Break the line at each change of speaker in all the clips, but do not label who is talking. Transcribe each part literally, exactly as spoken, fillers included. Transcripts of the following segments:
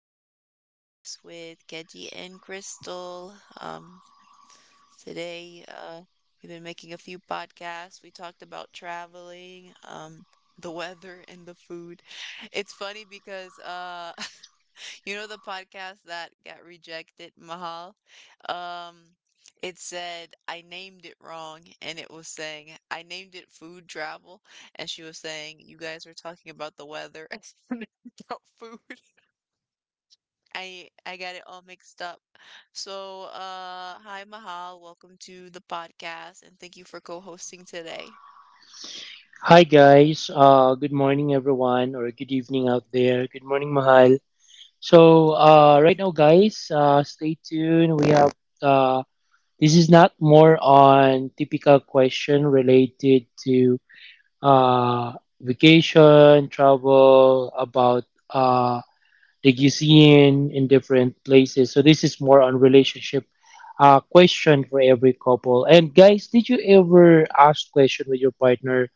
podcast with Keji and Crystal. Um, Today, uh, we've been making a few podcasts. We talked about traveling, um, the weather, and the food. It's funny because uh, you know the podcast that got rejected, Mahal? Um, it said I named it wrong, and it was saying I named it food travel, and she was saying you guys were talking about the weather and about food. I I got it all mixed up. So, uh, hi Mahal, welcome to the podcast, and thank you for co-hosting today.
Hi guys, uh, good morning everyone, or good evening out there. Good morning, Mahal. So
Good
uh, right
morning.
now, guys, uh, stay tuned. We have uh, this is not more on typical question related to uh, vacation, travel, about uh, the cuisine in different places. So this is more on relationship uh, question for every couple. And guys, did you ever ask question with your partner?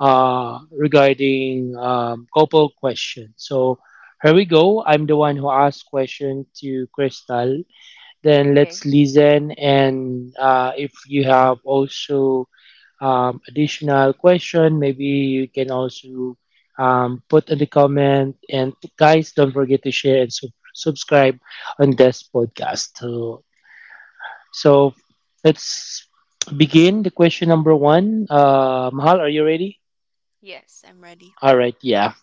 uh, regarding um, couple question. So here we go. I'm the one who asked question to Crystal. Then let's
Okay.
listen, and uh, if you have also um, additional question, maybe you can also um, put in the comment. And guys, don't forget to share and sub- subscribe on this podcast. So, so let's begin the question number one. Uh, Mahal, are you ready?
Yes, I'm ready.
All right, yeah.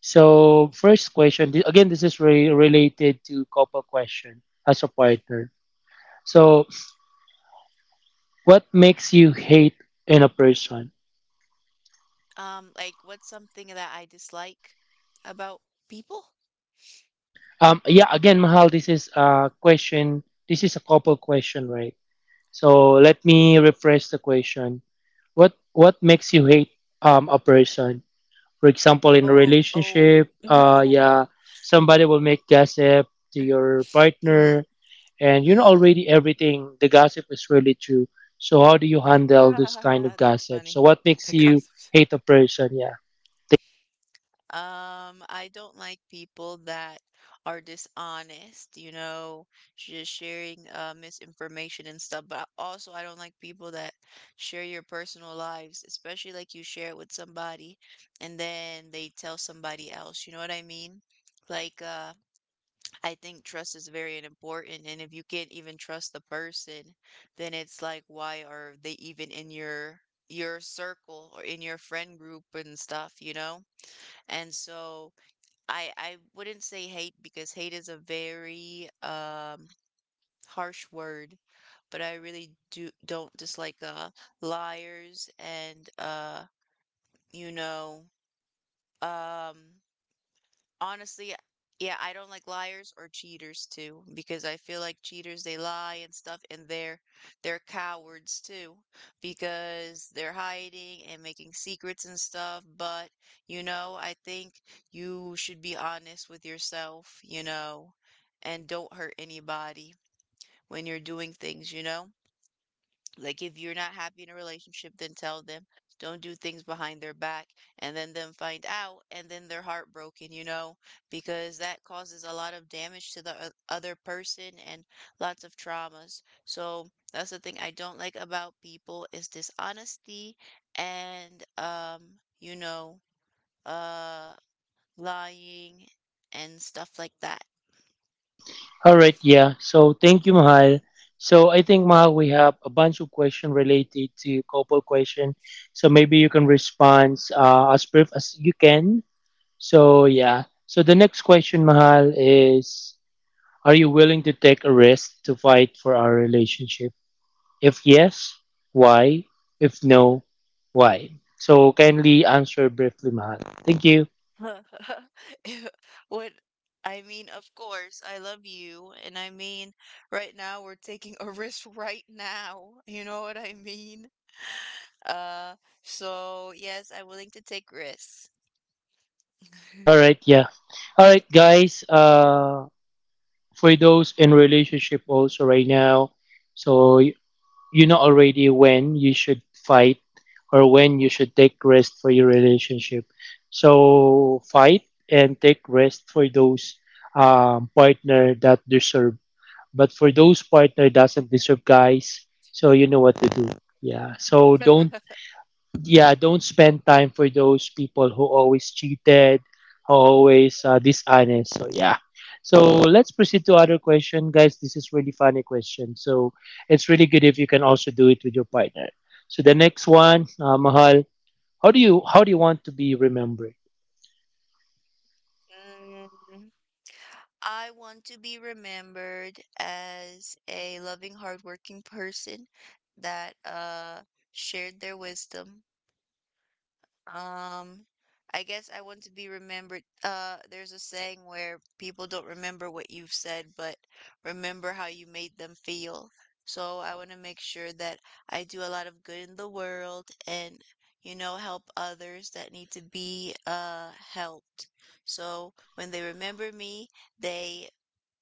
So first question, th- again, this is re- related to couple question as a partner. So what makes you hate in a person?
Um, like what's something that I dislike about people?
Um, yeah, again, Mahal, this is a question. This is a couple question, right? So let me rephrase the question. What what makes you hate um a person? For example, in a
Oh, oh,
relationship, uh,
no.
yeah, somebody will make gossip to your
Mm,
partner, and you know
mm.
already everything. The gossip is really true. So how do you handle this kind of
That's
gossip? So
funny.
what makes
The
you
gossips.
hate a person? Yeah.
Um, I don't like people that are dishonest, you know, just sharing uh misinformation and stuff. But also, I don't like people that share your personal lives, especially like you share it with somebody and then they tell somebody else. You know what I mean? Like, uh, I think trust is very important. And if you can't even trust the person, then it's like, why are they even in your your circle or in your friend group and stuff, you know? And so I I wouldn't say hate because hate is a very um harsh word, but I really do don't dislike uh liars and uh you know um honestly, yeah, I don't like liars or cheaters too, because I feel like cheaters, they lie and stuff, and they're they're cowards too, because they're hiding and making secrets and stuff. But, you know, I think you should be honest with yourself, you know, and don't hurt anybody when you're doing things, you know? Like if you're not happy in a relationship, then tell them. Don't do things behind their back and then them find out and then they're heartbroken, you know, because that causes a lot of damage to the o- other person and lots of traumas. So that's the thing I don't like about people is dishonesty and um, you know, uh lying and stuff like that.
All right. Yeah. So thank you, Mahal. So I think Mahal, we have a bunch of questions related to couple question. So maybe you can respond uh, as brief as you can. So yeah. So the next question, Mahal, is: Are you willing to take a risk to fight for our relationship? If yes, why? If no, why? So kindly answer briefly, Mahal. Thank you.
If- What I mean, of course, I love you. And I mean, right now we're taking a risk right now. You know what I mean? Uh, so yes, I'm willing to take risks.
All right, yeah. All right, guys. Uh, for those in relationship also right now, so y- you know already when you should fight or when you should take rest for your relationship. So fight and take rest for those um, partner that deserve. But for those partner doesn't deserve guys, so you know what to do. Yeah. So don't yeah, don't spend time for those people who always cheated, who always uh, dishonest. So yeah. So let's proceed to other question, guys. This is really funny question. So it's really good if you can also do it with your partner. So the next one, uh, Mahal, how do you how do you want to be remembered?
Mm, I want to be remembered as a loving, hardworking person that uh shared their wisdom. Um, I guess I want to be remembered. Uh, there's a saying where people don't remember what you've said, but remember how you made them feel. So I want to make sure that I do a lot of good in the world and, you know, help others that need to be uh helped. So when they remember me, they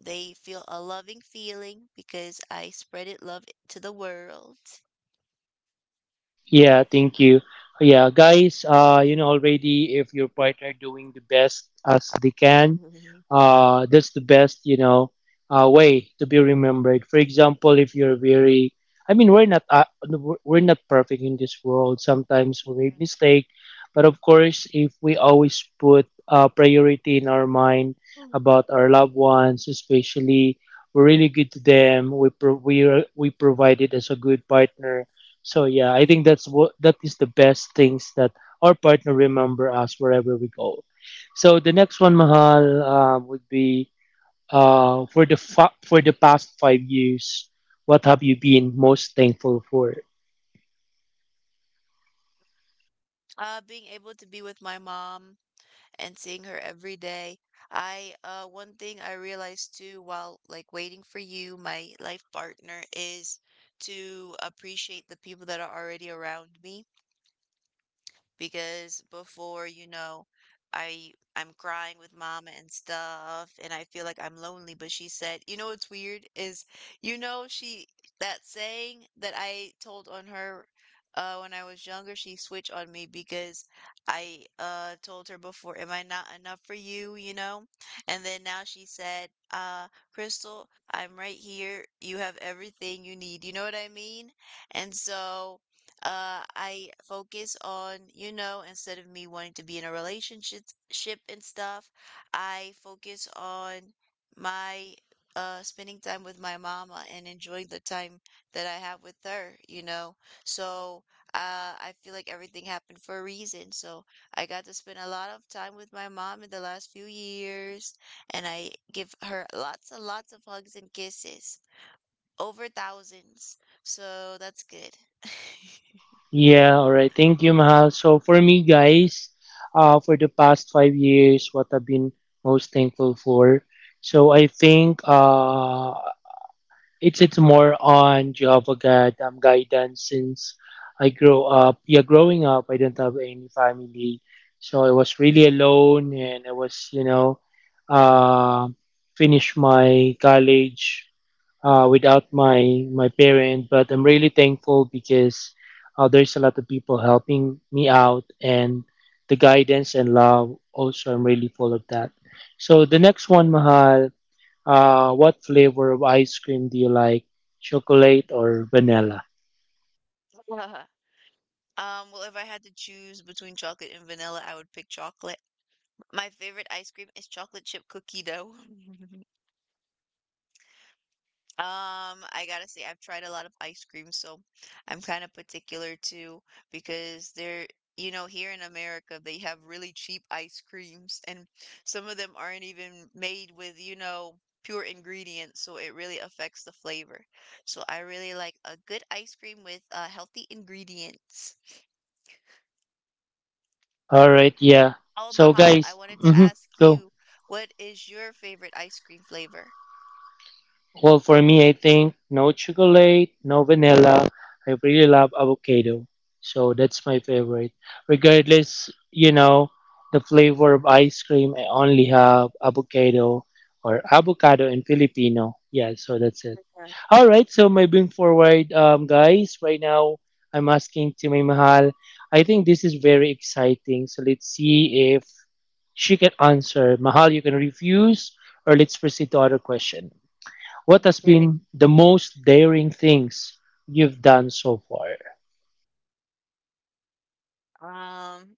they feel a loving feeling because I spreaded love to the world.
Yeah, thank you. Yeah, guys, uh, you know already if your partner doing the best as they can, uh, that's the best, you know, uh, way to be remembered. For example, if you're very, I mean, we're not, uh, we're we're not perfect in this world. Sometimes we make mistake, but of course, if we always put uh, priority in our mind about our loved ones, especially, we're really good to them. We pro- we are- we provided as a good partner, so yeah, I think that's what that is the best things that our partner remember us wherever we go. So the next one, Mahal, um, would be uh, for the fa- for the past five years, what have you been most thankful for?
Uh, being able to be with my mom and seeing her every day. I uh One thing I realized too while like waiting for you, my life partner, is to appreciate the people that are already around me because before, you know, I I'm crying with mama and stuff and I feel like I'm lonely, but she said, "You know what's weird is you know she that saying that I told on her uh when I was younger, she switched on me because I uh told her before, 'Am I not enough for you?' you know? And then now she said, 'Uh, Crystal, I'm right here. You have everything you need.'" You know what I mean? And so uh I focus on, you know, instead of me wanting to be in a relationship ship and stuff, I focus on my uh spending time with my mama and enjoying the time that I have with her, you know. So, uh I feel like everything happened for a reason. So, I got to spend a lot of time with my mom in the last few years, and I give her lots and lots of hugs and kisses, over thousands. So, that's good.
Yeah, all right. Thank you, Mahal. So for me, guys, uh, for the past five years, what I've been most thankful for. So I think uh, It's it's more on Jehovah God um, guidance since I grow up. Yeah, growing up, I didn't have any family, so I was really alone, and I was you know, uh, finished my college uh, without my my parent. But I'm really thankful because uh, there's a lot of people helping me out, and the guidance and love. Also, I'm really full of that. So the next one, Mahal. Uh, what flavor of ice cream do you like? Chocolate or vanilla?
Um, well, if I had to choose between chocolate and vanilla, I would pick chocolate. My favorite ice cream is chocolate chip cookie dough. Um, I gotta say, I've tried a lot of ice cream, so I'm kind of particular too because they're, you know, here in America, they have really cheap ice creams, and some of them aren't even made with, you know, pure ingredients, so it really affects the flavor. So I really like a good ice cream with uh, healthy ingredients.
All right, yeah.
Oh,
So
Mahal, I
guys,
wanted to
hmm,
ask
go.
you, what is your favorite ice cream flavor?
Well, for me, I think no chocolate, no vanilla. I really love avocado. So that's my favorite. Regardless, you know, the flavor of ice cream, I only have avocado or avocado and Filipino. Yeah, so that's it.
Yeah.
All right, so moving forward, um, guys, right now I'm asking to my mahal. I think this is very exciting. So let's see if she can answer. Mahal, you can refuse, or let's proceed to other question. What has
Very.
been the most daring things you've done so far?
Um,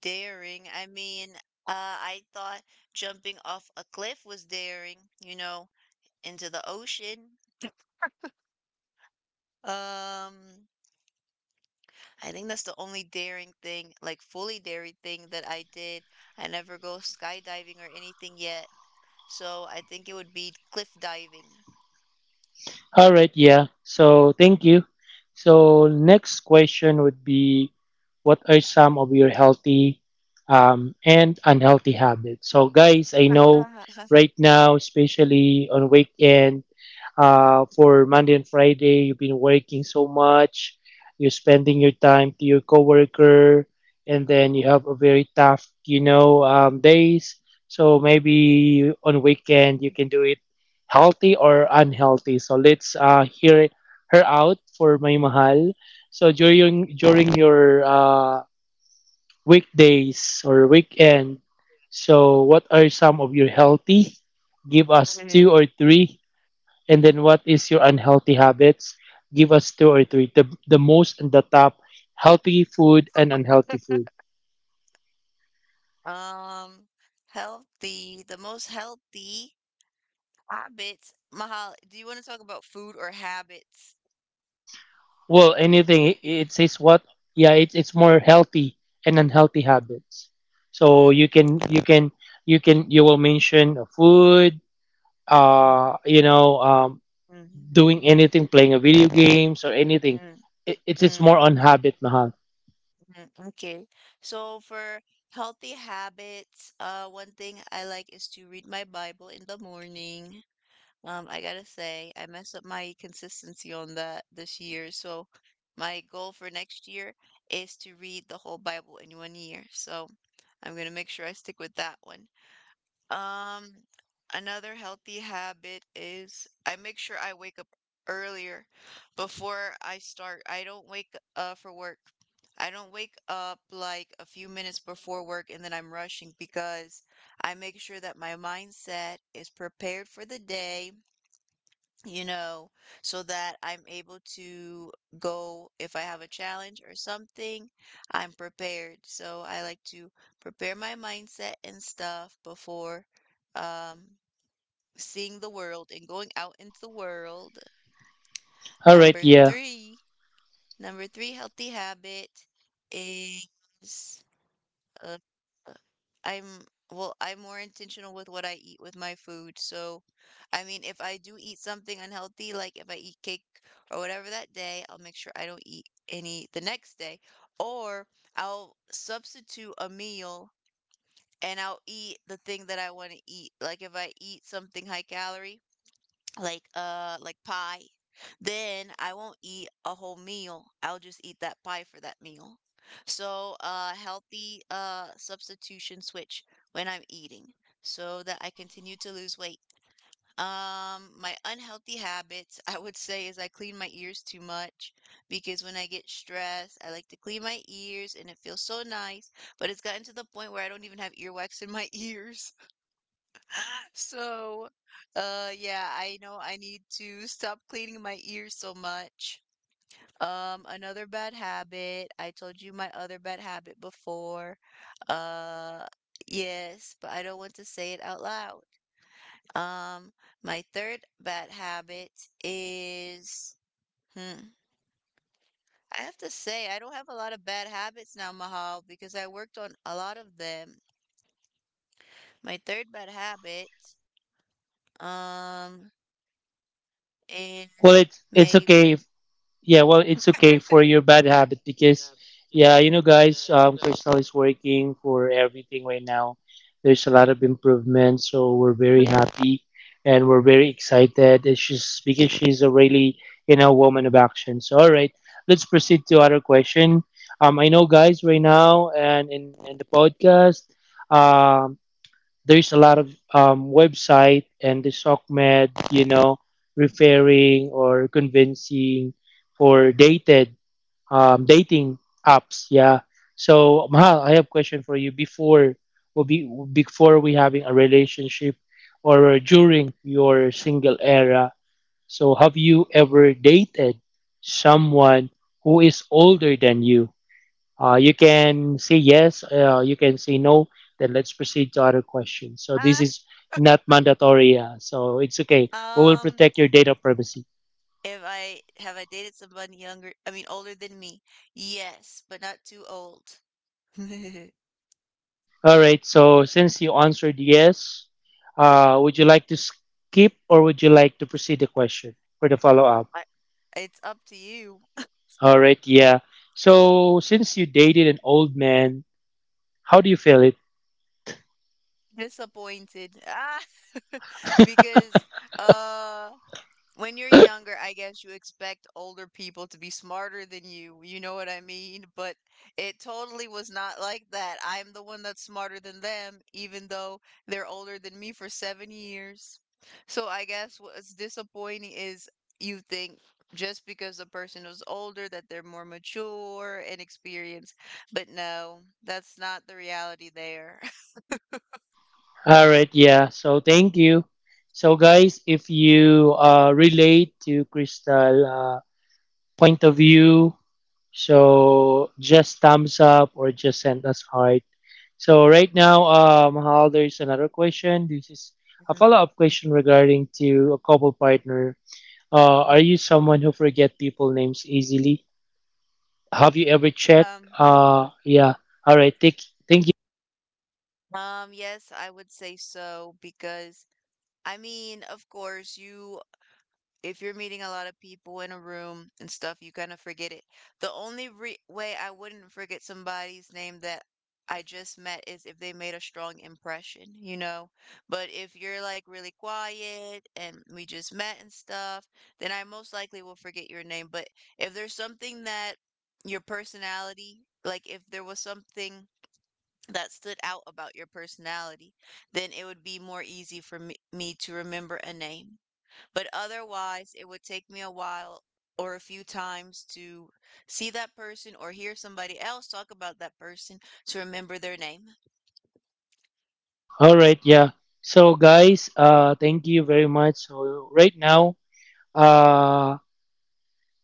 Daring. I mean, uh, I thought jumping off a cliff was daring, you know, into the ocean. Um, I think that's the only daring thing, like fully daring thing that I did. I never go skydiving or anything yet, so I think it would be cliff diving.
All right, yeah. So thank you. So next question would be, what are some of your healthy um, and unhealthy habits? So guys, I know right now, especially on weekend, uh, for Monday and Friday. You've been working so much. You're spending your time to your coworker, and then you have a very tough, you know, um, days. So maybe on weekend you can do it healthy or unhealthy. So let's uh, hear her out for May Mahal. So during during your uh, weekdays or weekend, so what are some of your healthy? Give us two or three, and then what is your unhealthy habits? Give us two or three. The, the most and the top healthy food and unhealthy food.
Um, Healthy, the most healthy habits. Mahal, do you want to talk about food or habits?
Well, anything. It, says what? Yeah, it's it's more healthy and unhealthy habits. So
Mm,
you can you can you can you will mention a food.
mm,
Uh, you know, um,
mm,
doing anything, playing a video games or anything.
mm,
It, it's it's
mm,
more on habit, mahal.
mm. Okay. So for healthy habits, uh, one thing I like is to read my Bible in the morning. Um, I gotta say, I messed up my consistency on that this year. So my goal for next year is to read the whole Bible in one year. So I'm gonna make sure I stick with that one. Um, another healthy habit is I make sure I wake up earlier before I start. I don't wake uh for work. I don't wake up like a few minutes before work and then I'm rushing because I make sure that my mindset is prepared for the day, you know, so that I'm able to go if I have a challenge or something, I'm prepared. So I like to prepare my mindset and stuff before um seeing the world and going out into the world.
All right,
Number
yeah.
three, number three healthy habit is uh, uh, I'm well, I'm more intentional with what I eat with my food. So, I mean, if I do eat something unhealthy, like if I eat cake or whatever that day, I'll make sure I don't eat any the next day, or I'll substitute a meal and I'll eat the thing that I want to eat. Like if I eat something high calorie, like uh like pie, then I won't eat a whole meal, I'll just eat that pie for that meal. So uh healthy uh substitution switch when I'm eating so that I continue to lose weight. Um, my unhealthy habits, I would say, is I clean my ears too much because when I get stressed I like to clean my ears and it feels so nice, but it's gotten to the point where I don't even have earwax in my ears. So, uh, yeah, I know I need to stop cleaning my ears so much. Um, another bad habit. I told you my other bad habit before. Uh, yes, but I don't want to say it out loud. Um, my third bad habit is, hmm, I have to say, I don't have a lot of bad habits now, Mahal, because I worked on a lot of them. My third bad habit, um,
Well,
is
it's it's
maybe.
okay. Yeah, well, it's okay for your bad habit because, yeah, you know, guys, um, Crystal is working for everything right now. There's a lot of improvement, so we're very happy and we're very excited. It's just because she's a really, you know, woman of action. So, all right, let's proceed to other question. Um, I know, guys, right now and in, in the podcast, um there's a lot of um, website and the SOCMED, you know, referring or convincing for dated um, dating apps. Yeah. So Mahal, I have question for you before will be before we having a relationship or during your single era. So have you ever dated someone who is older than you? Uh, you can say yes, uh, you can say no. Then let's proceed to other questions. So this is not mandatory, uh, so it's okay. We will
Um,
protect your data privacy.
if I have I dated someone younger, I mean older than me? Yes, but not too old. I,
All right. So since you answered yes, uh, would you like to skip or would you like to proceed the question for the follow up?
it's up to you.
All right. Yeah. So since you dated an old man, how do you feel it?
Disappointed. Ah, because uh when you're younger, I guess you expect older people to be smarter than you. You know what I mean? But it totally was not like that. I'm the one that's smarter than them, even though they're older than me for seven years. So I guess what's disappointing is you think just because the person is older that they're more mature and experienced. But no, that's not the reality there.
All right. Yeah. So thank you. So guys, if you uh, relate to Crystal uh, point of view. So just thumbs up or just send us heart. So right now, um, Hal, there's another question. This is a
Mhm,
follow-up question regarding to a couple partner. Uh, are
mhm.
you someone who forget people names easily? Have you ever checked?
Um,
Uh, yeah. All right. Thank, thank you.
um, yes, I would say so because I mean, of course, you if you're meeting a lot of people in a room and stuff, you kind of forget it. The only re way I wouldn't forget somebody's name that I just met is if they made a strong impression, you know? But if you're like really quiet and we just met and stuff, then I most likely will forget your name. But if there's something that your personality, like if there was something that stood out about your personality, then it would be more easy for me, me to remember a name. But otherwise, it would take me a while or a few times to see that person or hear somebody else talk about that person to remember their name.
All right. Yeah. So guys, uh, thank you very much. So right now, uh,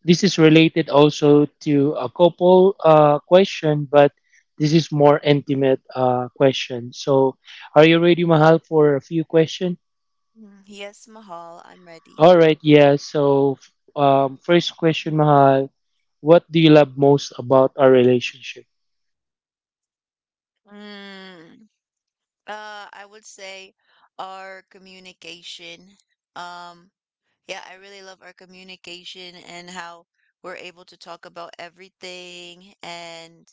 this is related also to a couple uh, question, but this is more intimate uh, question. So, are you ready, Mahal, for a few questions?
Mm, yes, Mahal, I'm ready.
All right, yeah. So, um, first question, Mahal, what do you love most about our relationship?
Mm, uh, I would say our communication. Um, Yeah, I really love our communication and how we're able to talk about everything and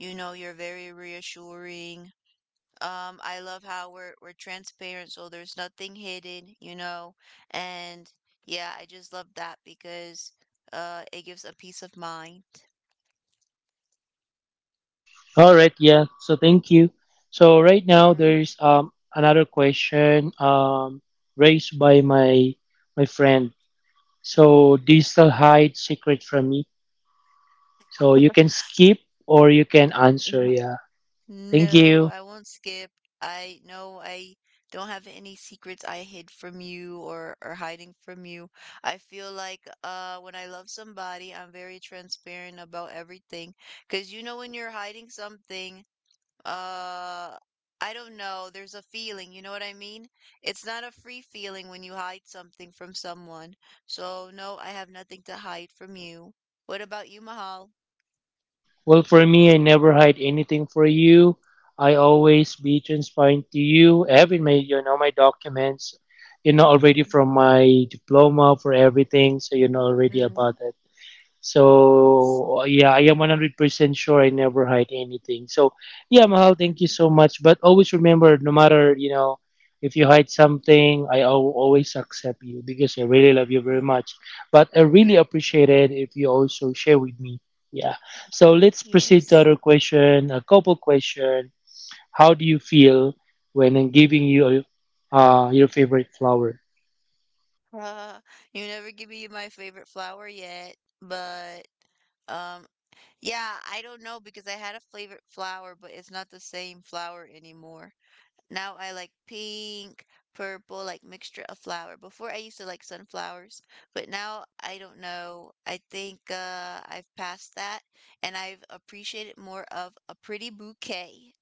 you know, you're very reassuring. Um, I love how we're we're transparent so there's nothing hidden, you know. And yeah, I just love that because uh it gives a peace of mind.
All right, yeah. So thank you. So right now there's um another question um raised by my my friend. So do you still hide secret from me? So you can skip or you can answer.
Mhm.
Yeah. Thank
No,
you.
I won't skip. I no, I don't have any secrets I hid from you or or hiding from you. I feel like uh when I love somebody, I'm very transparent about everything. 'Cause you know when you're hiding something, uh I don't know, there's a feeling, you know what I mean? It's not a free feeling when you hide something from someone. So no, I have nothing to hide from you. What about you, Mahal?
Well, for me, I never hide anything for you. I always be transparent to you. Every my you know my documents, you know already
Mm,
from my diploma for everything. So you know
mm,
already about
mm,
it.
Yes.
So yeah, I am one hundred percent sure I never hide anything. So yeah, Mahal, thank you so much. But always remember, no matter, you know, if you hide something, I al- always accept you because I really love you very
Mm,
much. But I really
mm,
appreciate it if you also share with me. Yeah. So
mm.
let's proceed to
Yes.
other question, a couple question. How do you feel when I'm giving you uh, your favorite flower?
Uh, you never give me my favorite flower yet, but um, yeah, I don't know because I had a favorite flower, but it's not the same flower anymore. Now I like pink, purple, like mixture of flower. Before I used to like sunflowers, but now I don't know. I think uh, I've passed that, and I've appreciated more of a pretty bouquet.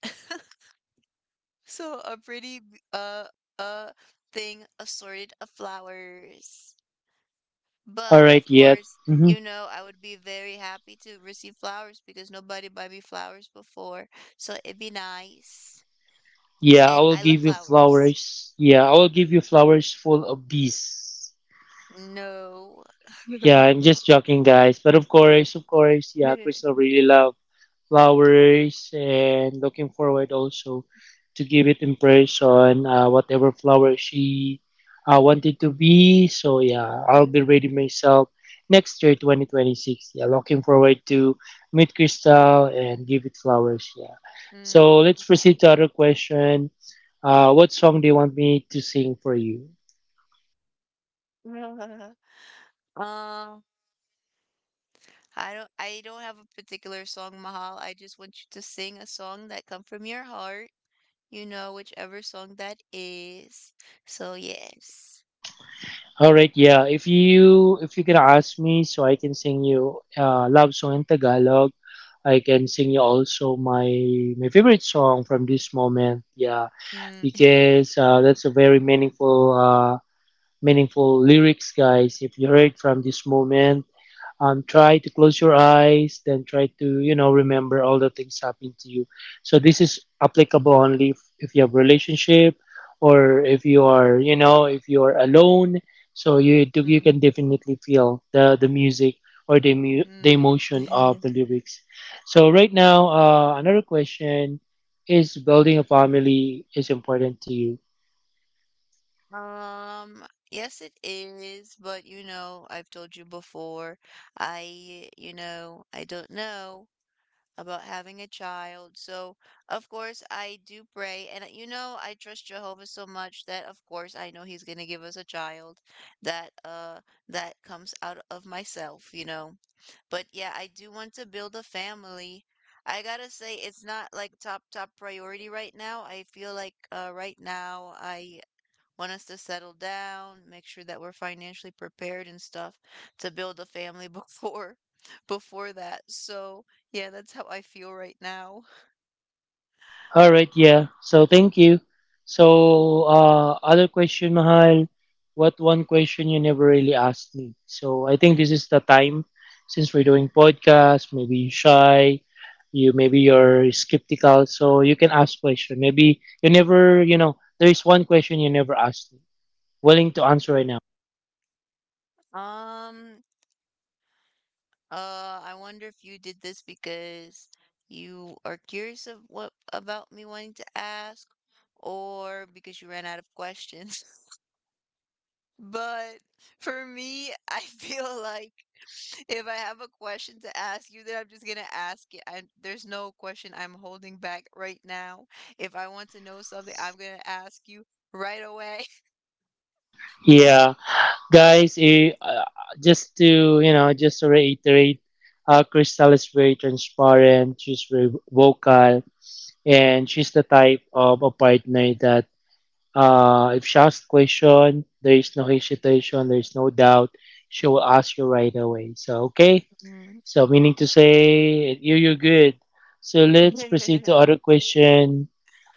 So a pretty b- uh uh thing assorted of flowers.
All
But
right,
of
yeah.
course,
Mm-hmm.
you know, I would be very happy to receive flowers because nobody buy me flowers before. So it'd be nice.
Yeah, I
And
will
I love
give you
flowers.
flowers. Yeah, I will give you flowers full of bees.
No.
Yeah, I'm just joking, guys. But of course, of course, yeah, Crystal really love flowers and looking forward also to give it in person, uh, whatever flower she uh, wanted to be. So yeah, I'll be ready myself next year, twenty twenty-six. Yeah, looking forward to meet Crystal and give it flowers. Yeah. So
Mm.
let's proceed to other question. Uh, what song do you want me to sing for you?
Um, I don't I don't have a particular song, Mahal. I just want you to sing a song that come from your heart. You know whichever song that is. So yes.
All right, yeah. If you if you can ask me, so I can sing you uh, love song in Tagalog. I can sing you also my my favorite song from this moment. Yeah,
Mm,
because uh, that's a very meaningful uh, meaningful lyrics, guys. If you heard from this moment, um, try to close your eyes, then try to you know remember all the things happening to you. So this is applicable only if, if you have relationship, or if you are, you know if you are alone. So you do, you
mm,
can definitely feel the the music, or the, mu- the
mm.
emotion of the lyrics. So right now, uh, another question is, building a family is important to you?
Um, yes, it is, but you know, I've told you before, I, you know, I don't know about having a child. So, of course, I do pray. And, uh, you know, I trust Jehovah so much that, of course, I know He's going to give us a child that, uh, that comes out of myself, you know. But yeah, I do want to build a family. I gotta say, it's not like top, top priority right now. I feel like uh, right now I want us to settle down, make sure that we're financially prepared and stuff to build a family before before that. So, yeah, that's how I feel right now.
All right, yeah. So thank you. So uh, other question, Mahal. What one question you never really asked me? So I think this is the time, since we're doing podcast. Maybe you're shy, you maybe you're skeptical, so you can ask question. Maybe you never, you know, there is one question you never asked me. Willing to answer right now.
Um, uh, I wonder if you did this because you are curious of what about me wanting to ask or because you ran out of questions. But for me, I feel like if I have a question to ask you, then I'm just gonna ask it. I There's no question I'm holding back right now. If I want to know something, I'm gonna ask you right away.
Yeah, guys. Eh, Uh, just to you know, just to reiterate, uh, Crystal is very transparent. She's very vocal, and she's the type of a partner that, uh, if she asks question, there is no hesitation, there is no doubt. She will ask you right away. So okay,
Mm.
so meaning to say you you're good. So let's proceed to other question.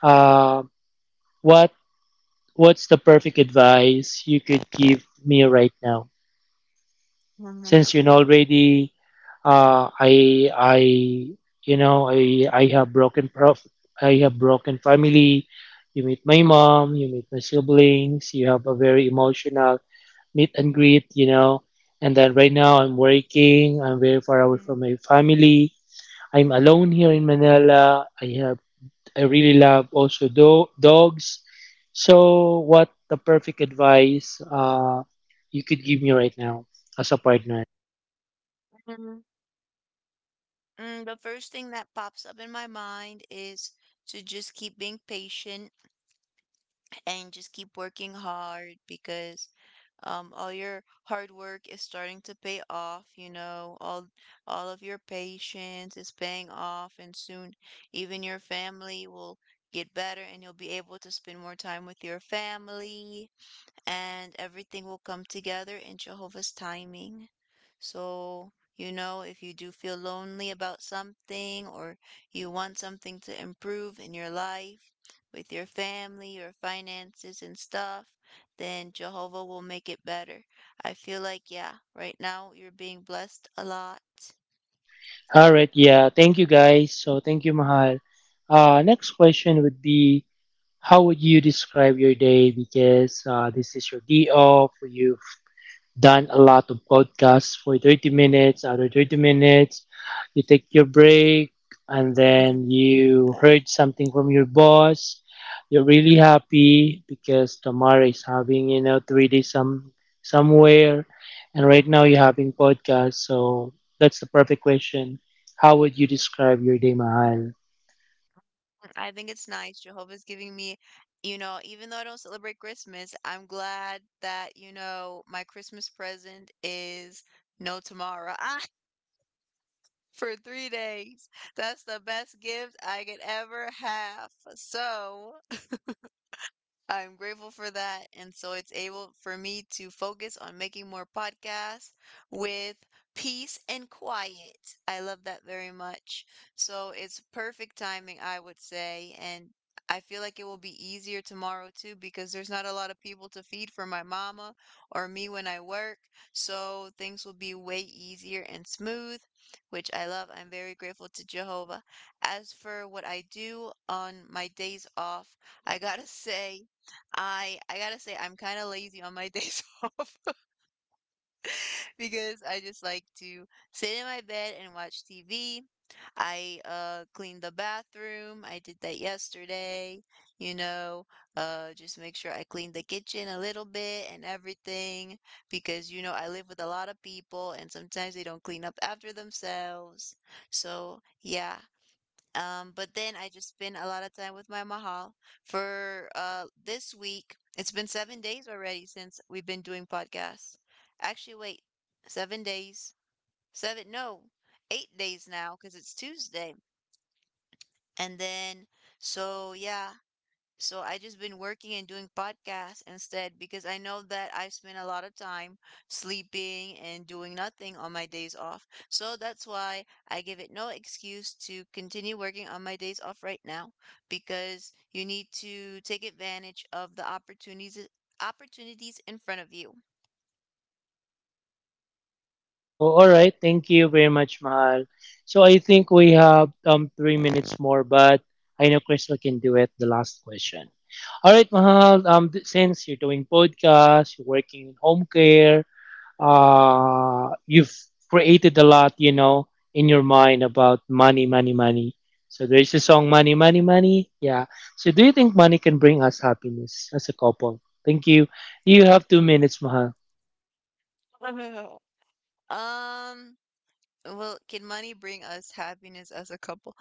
Uh, what what's the perfect advice you could give me right now?
Mm.
Since you know already, uh, I I you know, I I have broken prof I have broken family. You meet my mom, you meet my siblings, you have a very emotional meet and greet, you know. And then right now I'm working, I'm very far away from my family. I'm alone here in Manila. I have I really love also do- dogs. So what the perfect advice, uh, you could give me right now as a partner?
Mm, Mm, The first thing that pops up in my mind is to just keep being patient and just keep working hard because um, all your hard work is starting to pay off. You know, all all of your patience is paying off, and soon even your family will get better, and you'll be able to spend more time with your family and everything will come together in Jehovah's timing. So, you know, if you do feel lonely about something or you want something to improve in your life, with your family, your finances, and stuff, then Jehovah will make it better. I feel like, yeah, right now you're being blessed a lot.
All right, yeah. Thank you guys. So thank you, Mahal. Uh, next question would be, how would you describe your day? Because uh, this is your day off, for you done a lot of podcasts for thirty minutes, other thirty minutes. You take your break and then you heard something from your boss. You're really happy because Tamara is having, you know, three days some somewhere, and right now you're having podcast. So that's the perfect question. How would you describe your day, Mahal?
I think it's nice. Jehovah's giving me, you know, even though I don't celebrate Christmas, I'm glad that, you know, my Christmas present is no tomorrow. Ah, for three days. That's the best gift I could ever have. So I'm grateful for that. And so it's able for me to focus on making more podcasts with peace and quiet. I love that very much. So it's perfect timing, I would say. And I feel like it will be easier tomorrow too because there's not a lot of people to feed for my mama or me when I work. So things will be way easier and smooth, which I love. I'm very grateful to Jehovah. As for what I do on my days off, I gotta say, I I gotta say I'm kind of lazy on my days off because I just like to sit in my bed and watch T V. I uh clean the bathroom. I did that yesterday, you know, uh just make sure I clean the kitchen a little bit and everything because you know I live with a lot of people and sometimes they don't clean up after themselves. So, yeah, um, but then I just spend a lot of time with my mahal for uh this week. It's been seven days already since we've been doing podcasts. Actually, wait, seven days, seven, no, eight days now because it's Tuesday. And then, so yeah, so I just been working and doing podcasts instead because I know that I've spent a lot of time sleeping and doing nothing on my days off. So that's why I give it no excuse to continue working on my days off right now because you need to take advantage of the opportunities opportunities in front of you.
Oh, all right. Thank you very much, Mahal. So I think we have um three minutes more, but I know Crystal can do it. The last question. All right, Mahal. Um, th- since you're doing podcasts, you're working in home care, uh, you've created a lot, you know, in your mind about money, money, money. So there's a song, money, money, money. Yeah. So do you think money can bring us happiness as a couple? Thank you. You have two minutes, Mahal.
Um, Well, can money bring us happiness as a couple?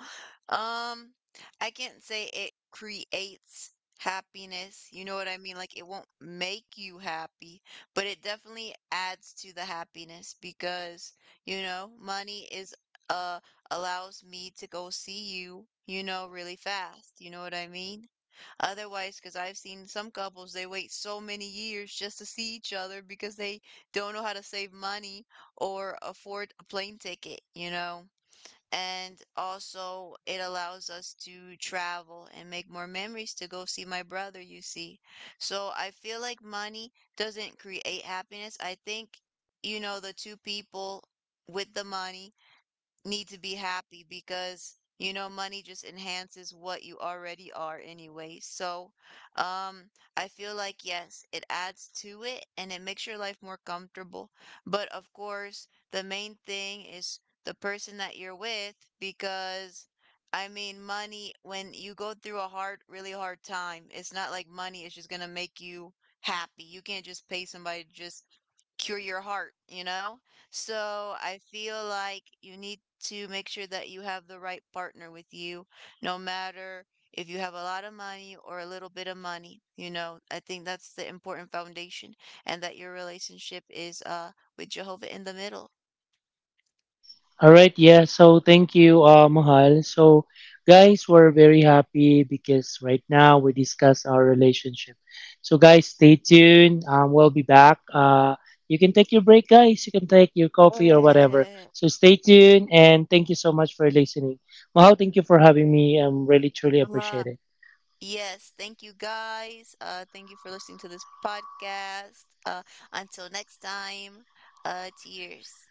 Um, I can't say it creates happiness. You know what I mean? Like it won't make you happy, but it definitely adds to the happiness because, you know, money is uh allows me to go see you, you know, really fast. You know what I mean? Otherwise, because I've seen some couples, they wait so many years just to see each other because they don't know how to save money or afford a plane ticket, you know? And also, it allows us to travel and make more memories to go see my brother, you see. So I feel like money doesn't create happiness. I think, you know, the two people with the money need to be happy because you know money just enhances what you already are anyway, so um I feel like yes it adds to it and it makes your life more comfortable but of course the main thing is the person that you're with because I mean money when you go through a hard really hard time it's not like money is just going to make you happy. You can't just pay somebody to just cure your heart, you know, so I feel like you need to make sure that you have the right partner with you, no matter if you have a lot of money or a little bit of money. You know, I think that's the important foundation, and that your relationship is uh with Jehovah in the middle.
All right, yeah. So thank you, uh, Mahal. So, guys, we're very happy because right now we discuss our relationship. So, guys, stay tuned. Um, we'll be back. Uh, you can take your break, guys. You can take your coffee or whatever. So, stay tuned, and thank you so much for listening. Mahal, thank you for having me. I'm really truly
Uh,
appreciate it.
yes, thank you guys. Uh, thank you for listening to this podcast. Uh, until next time, uh, cheers.